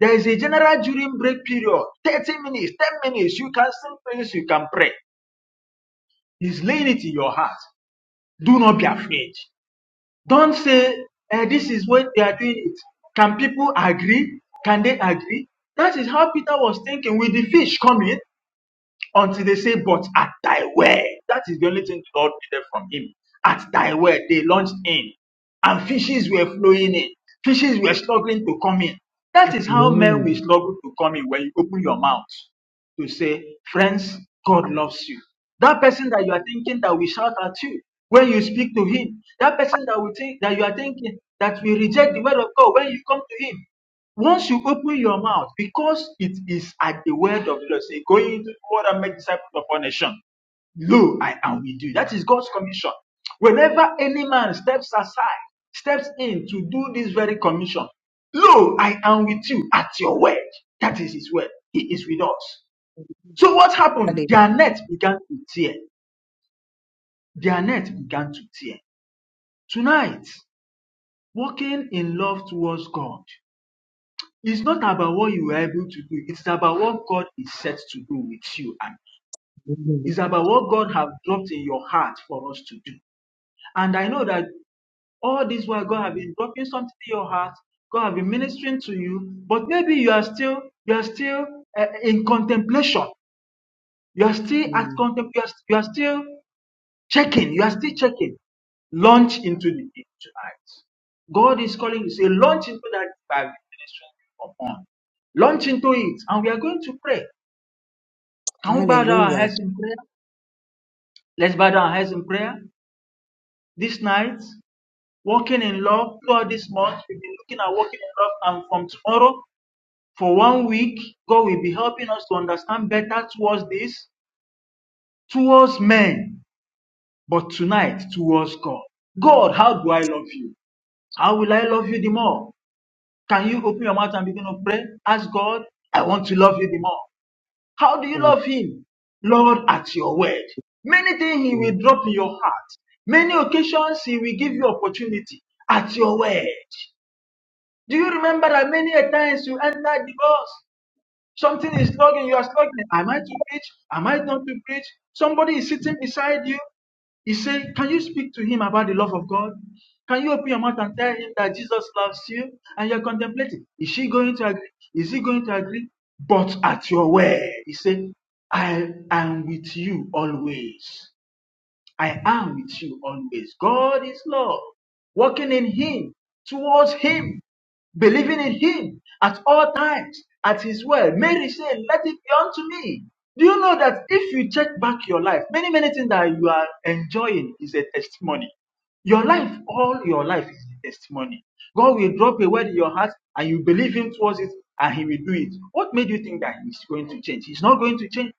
Speaker 8: there is a general during break period, 30 minutes, 10 minutes. You can sing prayers, you can pray. He's laying it in your heart. Do not be afraid. Don't say, eh, this is what they are doing it. Can people agree? Can they agree? That is how Peter was thinking with the fish coming until they say, But at thy word, that is the only thing God needed from him. At thy word, they launched in, and fishes were flowing in. Fishes were struggling to come in. That is how men
Speaker 1: Amen.
Speaker 8: will struggle to come in when you open your mouth to say, Friends, God loves you. That person that you are thinking that will shout at you when you speak to him, that person that will think that you are thinking that will reject the word of God when you come to him, once you open your mouth, because it is at the word of the Lord, say, "Go into the world and make disciples of all nations. Lo, I am with you. That is God's commission. Whenever any man steps aside, steps in to do this very commission, lo, I am with you at your word. That is his word. He is with us. So
Speaker 1: Hallelujah.
Speaker 8: what happened? Their net began to tear. Their net began to tear. Tonight, walking in love towards God. It's not about what you were able to do. It's about what God is set to do with you. And
Speaker 1: Hallelujah.
Speaker 8: it's about what God have dropped in your heart for us to do. And I know that all this while God have been dropping something in your heart. God have been ministering to you. But maybe you are still, you are still uh, in contemplation. You are still at
Speaker 1: Mm.
Speaker 8: contemplation. You are, you are still Checking. You are still checking. Launch into the deep tonight. God is calling you. Say, launch into that deep I've been ministering upon. Launch into it. And we are going to pray. Can we bow down our
Speaker 1: Hallelujah.
Speaker 8: heads in prayer? Let's bow down our heads in prayer. This night, walking in love. Throughout this month, we've been looking at walking in love. And from tomorrow, for one week, God will be helping us to understand better towards this, towards men, but tonight towards God. God, how do I love you? How will I love you the more? Can you open your mouth and begin to pray? Ask God, I want to love you the more. How do you love Him? Lord, at your word. Many things He
Speaker 1: Mm.
Speaker 8: will drop in your heart. Many occasions He will give you opportunity at your word. Do you remember that many a times you entered the bus? Something is logging. You are struggling. Am I to preach? Am I not to preach? Somebody is sitting beside you. He said, Can you speak to him about the love of God? Can you open your mouth and tell him that Jesus loves you and you're contemplating? Is she going to agree? Is he going to agree? But at your word, he said, I am with you always. I am with you always. God is love. Walking in Him, towards Him, believing in Him at all times, at His word. Mary said, Let it be unto me. Do you know that if you check back your life, many, many things that you are enjoying is a testimony. Your life, all your life is a testimony. God will drop a word in your heart and you believe Him towards it and He will do it. What made you think that He's going to change? He's not going to change.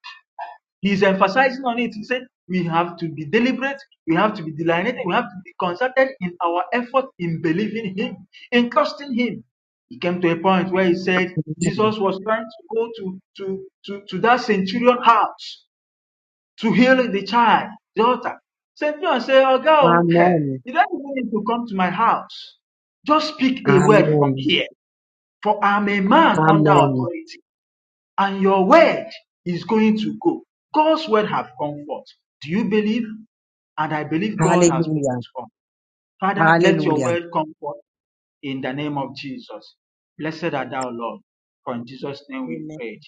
Speaker 8: He's emphasizing on it. He said, we have to be deliberate, we have to be delineated, we have to be concerted in our effort in believing Him, in trusting Him. He came to a point where he said, Jesus was trying to go to, to, to, to that centurion house to heal the child, daughter. Centurion said, Oh, girl,
Speaker 1: Amen.
Speaker 8: you don't even need to come to my house. Just speak a word from
Speaker 1: Amen.
Speaker 8: here, for I'm a man under
Speaker 1: Amen.
Speaker 8: authority. And your word is going to go. God's word have come forth. Do you believe? And I believe God has spoken
Speaker 1: Hallelujah.
Speaker 8: to us. Father, let your
Speaker 1: Hallelujah.
Speaker 8: word come forth in the name of Jesus. Blessed art thou, Lord. For in Jesus' name we
Speaker 2: Amen.
Speaker 8: pray.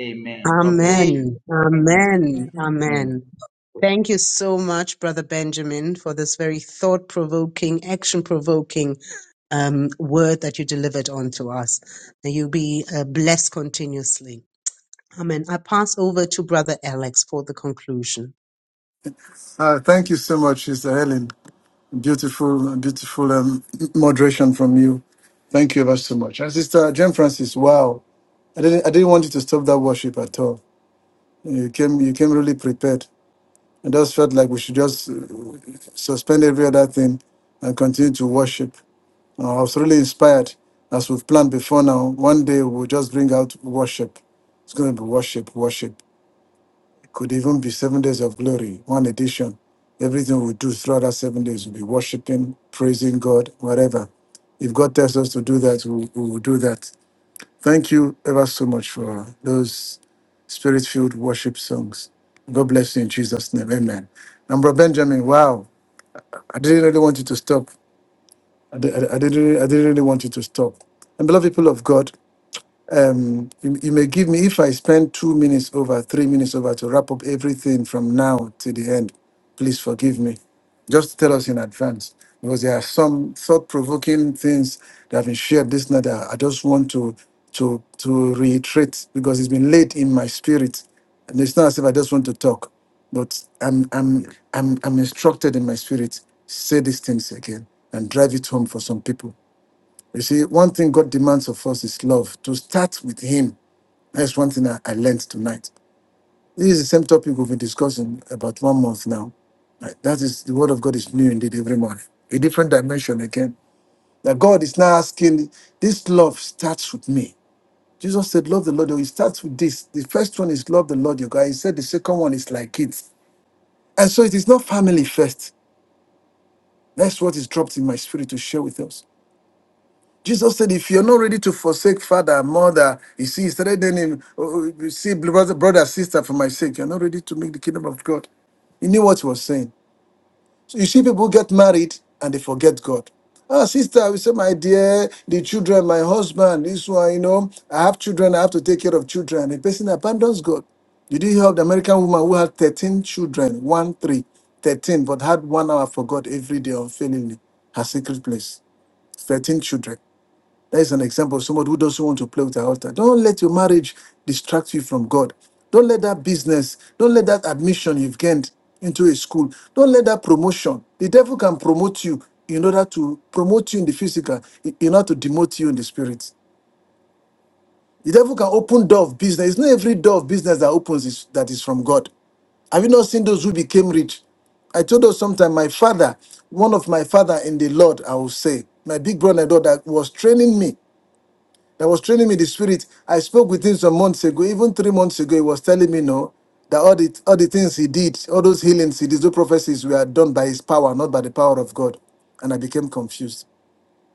Speaker 8: Amen. God bless
Speaker 2: Amen.
Speaker 8: you.
Speaker 1: Amen. Amen.
Speaker 5: Mm.
Speaker 1: Amen. Thank you so much, Brother Benjamin, for this very thought provoking, action provoking um, word that you delivered onto us. May you be uh, blessed continuously. Amen. I pass over to Brother Alex for the conclusion.
Speaker 5: Uh, thank you so much, Sister Helen. Beautiful, beautiful um, moderation from you. Thank you ever so much. And Sister Jane Francis, wow. I didn't, I didn't want you to stop that worship at all. You came, you came really prepared. I just felt like we should just uh, suspend every other thing and continue to worship. I was really inspired as we've planned before now. One day we'll just bring out worship. It's going to be worship, worship. It could even be seven days of glory, one edition. Everything we do throughout that seven days will be worshiping, praising God, whatever. If God tells us to do that, we we will do that. Thank you ever so much for those spirit filled worship songs. God bless you in Jesus' name. Amen. And Bro Benjamin, wow. I didn't really want you to stop. I, di- I, didn't, really, I didn't really want you to stop. And beloved people of God, um, you, you may give me if I spend two minutes over, three minutes over to wrap up everything from now to the end. Please forgive me. Just tell us in advance because there are some thought-provoking things that have been shared this night. That I just want to to to reiterate because it's been laid in my spirit, and it's not as if I just want to talk, but I'm I'm I'm I'm instructed in my spirit. Say these things again and drive it home for some people. You see, one thing God demands of us is love. To start with Him. That's one thing I, I learned tonight. This is the same topic we've been discussing about one month now. Right? That is the Word of God is new indeed every morning. A different dimension again. That God is now asking, this love starts with me. Jesus said, Love the Lord. It starts with this. The first one is love the Lord your God. He said the second one is like it. And so it is not family first. That's what is dropped in my spirit to share with us. Jesus said, if you're not ready to forsake father, mother, you see, he started then him, oh, oh, you see, brother, brother, sister, for my sake, you're not ready to make the kingdom of God. He knew what he was saying. So you see, people get married and they forget God. Ah, sister, we say, my dear, the children, my husband, this one, you know, I have children, I have to take care of children. The person abandons God. Did you hear of the American woman who had 13 children, one, three, 13, but had one hour for God every day unfailingly, her secret place, 13 children. That's an example of someone who doesn't want to play with the altar. Don't let your marriage distract you from God. Don't let that business, don't let that admission you've gained into a school, don't let that promotion. The devil can promote you in order to promote you in the physical, in in order to demote you in the spirit. The devil can open door of business. It's not every door of business that opens is that is from God. Have you not seen those who became rich? I told us sometime, my father, one of my father in the Lord, I will say, my big brother and daughter was training me that was training me in the spirit. I spoke with him some months ago, even three months ago. He was telling me no, that all the all the things he did, all those healings he did, those prophecies were done by his power, not by the power of God. And I became confused.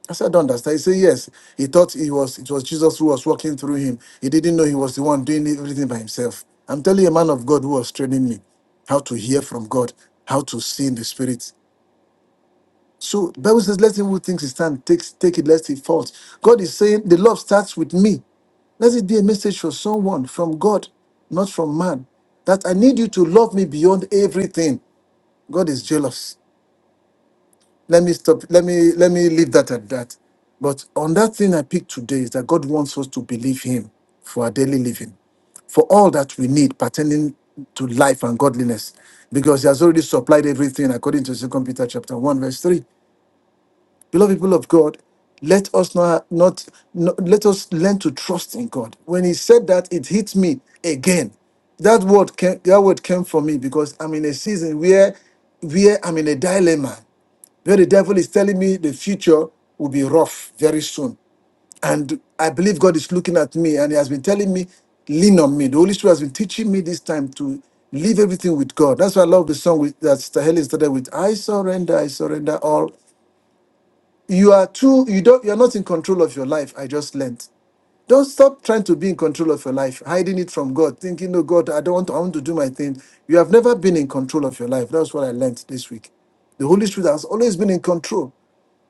Speaker 5: I said, I don't understand. He said, Yes. He thought it was it was Jesus who was walking through him. He didn't know he was the one doing everything by himself. I'm telling you, a man of God who was training me how to hear from God, how to see in the spirit. So Bible says, "Let him who thinks he stand take take it, lest he falls." God is saying, "The love starts with me." Let it be a message for someone from God, not from man, that I need you to love me beyond everything. God is jealous. Let me stop. Let me let me leave that at that. But on that thing I picked today is that God wants us to believe Him for our daily living, for all that we need pertaining to life and godliness, because He has already supplied everything according to Second Peter chapter one verse three. Beloved people of God, let us not, not, not- let us learn to trust in God. When he said that, it hit me again. That word came, that word came from me because I'm in a season where where I'm in a dilemma, where the devil is telling me the future will be rough very soon. And I believe God is looking at me and he has been telling me, lean on me. The Holy Spirit has been teaching me this time to leave everything with God. That's why I love the song with, that Sister Helen started with, I surrender, I surrender all you are too you don't you're not in control of your life i just learned don't stop trying to be in control of your life hiding it from god thinking no god i don't want to, i want to do my thing you have never been in control of your life that's what i learned this week the holy spirit has always been in control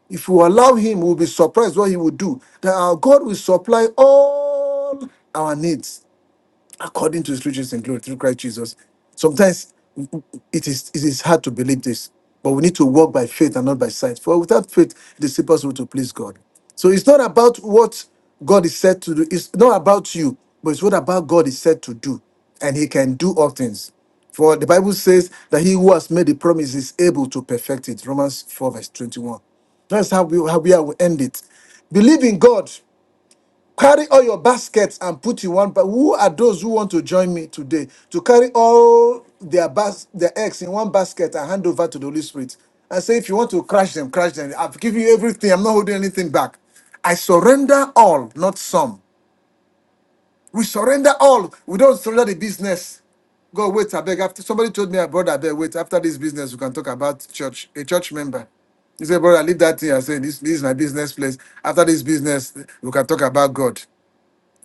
Speaker 5: if you allow him we'll be surprised what he will do that our god will supply all our needs according to his riches in glory through Christ Jesus. Sometimes it is it is hard to believe this, but we need to walk by faith and not by sight. For without faith, it is impossible to please God. So it's not about what God is said to do. It's not about you, but it's what about God is said to do, and He can do all things. For the Bible says that He who has made the promise is able to perfect it. Romans four verse twenty one. That's how we how we are- we end it. Believe in God Carry all your baskets and put in one. But who are those who want to join me today to carry all their bas- their eggs in one basket and hand over to the Holy Spirit and say, if you want to crush them, crush them. I've given you everything. I'm not holding anything back. I surrender all, not some. We surrender all. We don't surrender the business. God, wait, I beg. After somebody told me, I brother, I beg, wait. After this business, we can talk about church. A church member. He said, brother, leave that thing. I said, this, this is my business place. After this business, we can talk about God.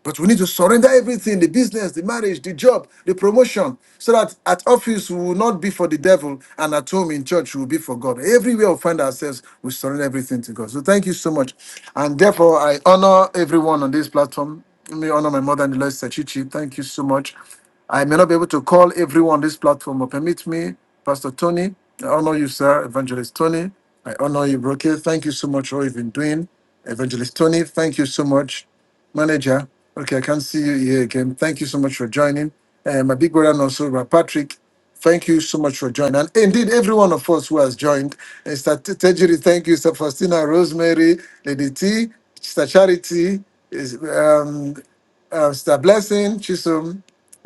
Speaker 5: But we need to surrender everything the business, the marriage, the job, the promotion so that at office we will not be for the devil and at home in church we will be for God. Everywhere we find ourselves, we surrender everything to God. So thank you so much. And therefore, I honor everyone on this platform. Let me honor my mother and the Lord Sachichi. Thank you so much. I may not be able to call everyone on this platform, but permit me, Pastor Tony. I honor you, sir, Evangelist Tony. I honor you, Broke. Thank you so much for all you've been doing. Evangelist Tony, thank you so much manager. Okay, I can see you here again. Thank you so much for joining. And my big brother and also Patrick, thank you so much for joining. And indeed, every one of us who has joined. And Sister T- Tejiri, thank you. Sister Faustina, Rosemary, Lady T, Sister Charity, is, um, uh, Sister Blessing, Chisum,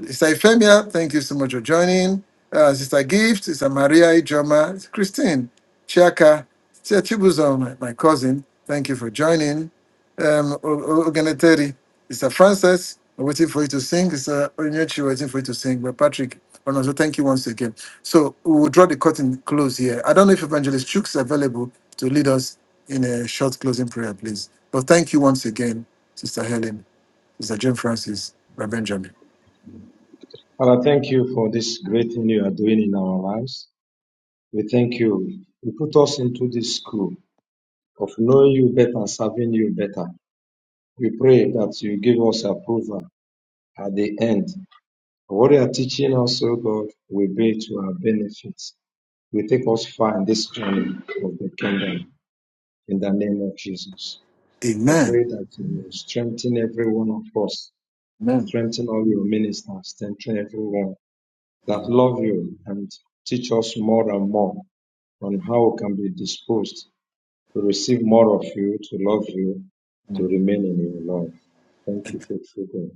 Speaker 5: Sister Euphemia, thank you so much for joining. Uh, Sister Gift, Sister Maria Ijoma, Christine, Chiaka, Sister Chibuzo, my, my cousin, thank you for joining. Um, Oganeteri, Sister Frances, we're waiting for you to sing. Sister Onyechi, we're waiting for you to sing. But Patrick, also thank you once again. So we will draw the curtain close here. I don't know if Evangelist Chooks is available to lead us in a short closing prayer, please. But thank you once again, Sister Helen. Mr. Jim Francis, Reverend Benjamin.
Speaker 11: Father, thank you for this great thing you are doing in our lives. We thank you. You put us into this school of knowing you better, serving you better. We pray that you give us approval at the end. What you are teaching us, O God, will be to our benefit. We take us far in this journey of the kingdom in the name of Jesus. I
Speaker 5: Amen.
Speaker 11: pray that you strengthen every one of us,
Speaker 5: Amen.
Speaker 11: strengthen all your ministers, strengthen everyone that
Speaker 5: Amen.
Speaker 11: love you and teach us more and more on how we can be disposed to receive more of you, to love you, to remain in your love. Thank you,
Speaker 5: Amen.
Speaker 11: faithful God.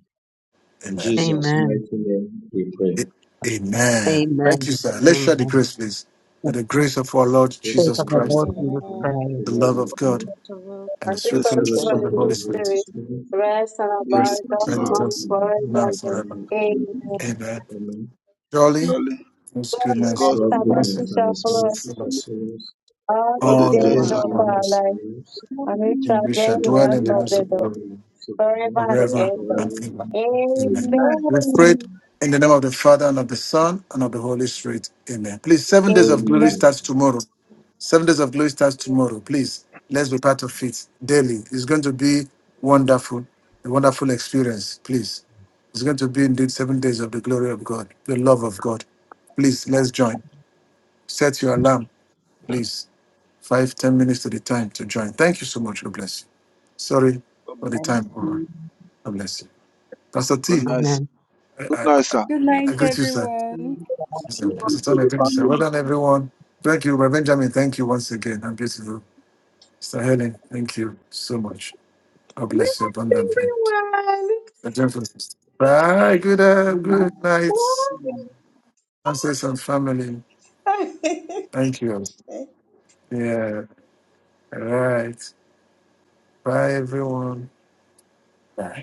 Speaker 11: In
Speaker 5: Amen.
Speaker 11: Jesus'
Speaker 1: Amen.
Speaker 11: mighty name we pray.
Speaker 5: A- Amen. Thank you,
Speaker 1: Amen.
Speaker 5: sir. Let's share the
Speaker 1: Amen.
Speaker 5: grace, please.
Speaker 1: In
Speaker 5: May the grace of our Lord
Speaker 11: Thank
Speaker 1: the
Speaker 11: you
Speaker 1: faith
Speaker 5: Jesus
Speaker 11: for
Speaker 1: of
Speaker 11: your
Speaker 1: the
Speaker 5: Christ,
Speaker 1: Lord Jesus
Speaker 11: introduction,
Speaker 12: Amen.
Speaker 11: the
Speaker 1: Christ.
Speaker 5: the
Speaker 11: love
Speaker 5: love
Speaker 11: of
Speaker 5: of God,
Speaker 11: God,
Speaker 6: The world
Speaker 13: i
Speaker 5: and the
Speaker 13: we
Speaker 11: the
Speaker 14: The
Speaker 5: sweet
Speaker 13: fellowship
Speaker 14: sweet
Speaker 13: of
Speaker 5: fellowship of
Speaker 11: fellowship
Speaker 2: That's
Speaker 13: the
Speaker 5: the
Speaker 11: of
Speaker 5: Holy
Speaker 13: Holy
Speaker 11: the Holy
Speaker 5: Spirit
Speaker 13: Spirit,
Speaker 11: Spirit,
Speaker 13: rest and
Speaker 14: will be
Speaker 13: abide
Speaker 5: rest
Speaker 14: with
Speaker 13: us
Speaker 14: us
Speaker 5: and be
Speaker 14: now.
Speaker 5: with
Speaker 13: now
Speaker 11: grace
Speaker 13: and
Speaker 5: us
Speaker 11: and the hope
Speaker 5: now and
Speaker 11: of the
Speaker 13: forevermore.
Speaker 5: forever.
Speaker 11: Holy
Speaker 14: and
Speaker 13: Amen.
Speaker 5: Amen.
Speaker 11: Spirit. Amen.
Speaker 5: Surely,
Speaker 14: Surely,
Speaker 5: His
Speaker 6: is the
Speaker 5: goodness
Speaker 13: Godliness
Speaker 14: God's
Speaker 11: God's
Speaker 13: and
Speaker 5: and mercy
Speaker 11: goodness
Speaker 13: mercy
Speaker 11: and
Speaker 13: shall
Speaker 11: His
Speaker 13: follow
Speaker 5: shall
Speaker 13: us
Speaker 11: mercy
Speaker 5: follow
Speaker 11: shall
Speaker 14: goodness
Speaker 5: us
Speaker 11: follow us
Speaker 13: all
Speaker 14: for
Speaker 13: the
Speaker 14: the
Speaker 5: all
Speaker 15: His
Speaker 6: grace
Speaker 5: the
Speaker 6: of
Speaker 11: all
Speaker 13: days
Speaker 15: whole
Speaker 11: the
Speaker 14: days
Speaker 5: days
Speaker 6: our
Speaker 2: what
Speaker 15: life.
Speaker 12: Amen.
Speaker 14: of
Speaker 5: of
Speaker 2: it-
Speaker 13: of
Speaker 5: our
Speaker 11: days of
Speaker 13: our
Speaker 5: lives,
Speaker 13: life,
Speaker 11: our lives,
Speaker 14: the
Speaker 13: and we
Speaker 14: week
Speaker 13: shall
Speaker 5: and we
Speaker 14: of
Speaker 5: shall
Speaker 13: dwell in the
Speaker 5: dwell
Speaker 11: and
Speaker 13: house
Speaker 5: in the
Speaker 11: we
Speaker 13: of
Speaker 5: house
Speaker 11: shall
Speaker 13: the
Speaker 5: of the Lord
Speaker 11: dwell
Speaker 13: Lord
Speaker 11: in the house of the Lord
Speaker 13: forever
Speaker 5: forever
Speaker 13: and
Speaker 14: the life.
Speaker 13: ever.
Speaker 5: and
Speaker 11: forever.
Speaker 5: ever. Amen.
Speaker 14: Amen.
Speaker 5: We prayed
Speaker 13: Amen.
Speaker 5: in the name of the Father and of the Son and of the Holy Spirit. Amen. Please, seven days of glory
Speaker 13: Amen.
Speaker 11: Amen.
Speaker 5: starts tomorrow. Seven days of glory starts tomorrow. Please, let's be part of it daily. It's going to be wonderful, a wonderful experience. Please, it's going to be indeed seven days of the glory of God, the love of God. Please, let's join. Set your alarm, please. Five, ten minutes to the time to join. Thank you so much. God bless you. Sorry
Speaker 14: Good night.
Speaker 5: for the time over. God bless you. Pastor
Speaker 14: Good
Speaker 5: T,
Speaker 14: night,
Speaker 1: Amen.
Speaker 14: sir.
Speaker 5: I, I, I I greet you, sir.
Speaker 2: Thank
Speaker 5: Yes, sir.
Speaker 14: Good night
Speaker 5: Pastor
Speaker 14: to
Speaker 5: Tom,
Speaker 2: you.
Speaker 5: I
Speaker 14: the
Speaker 5: greet you, sir.
Speaker 14: family.
Speaker 5: Well done, everyone. Thank you, Reverend Benjamin. Thank you once again. I'm beautiful. Sister Helen, thank you so much. God
Speaker 13: Bless
Speaker 5: bless you abundantly. Sister Jennifer, sister. Bye. Good, uh,
Speaker 8: Good night.
Speaker 5: good night,
Speaker 8: Good night.
Speaker 5: ancestors and family.
Speaker 13: everyone.
Speaker 5: Thank you.
Speaker 13: Woo.
Speaker 5: Yeah. All right. Bye, everyone. Bye.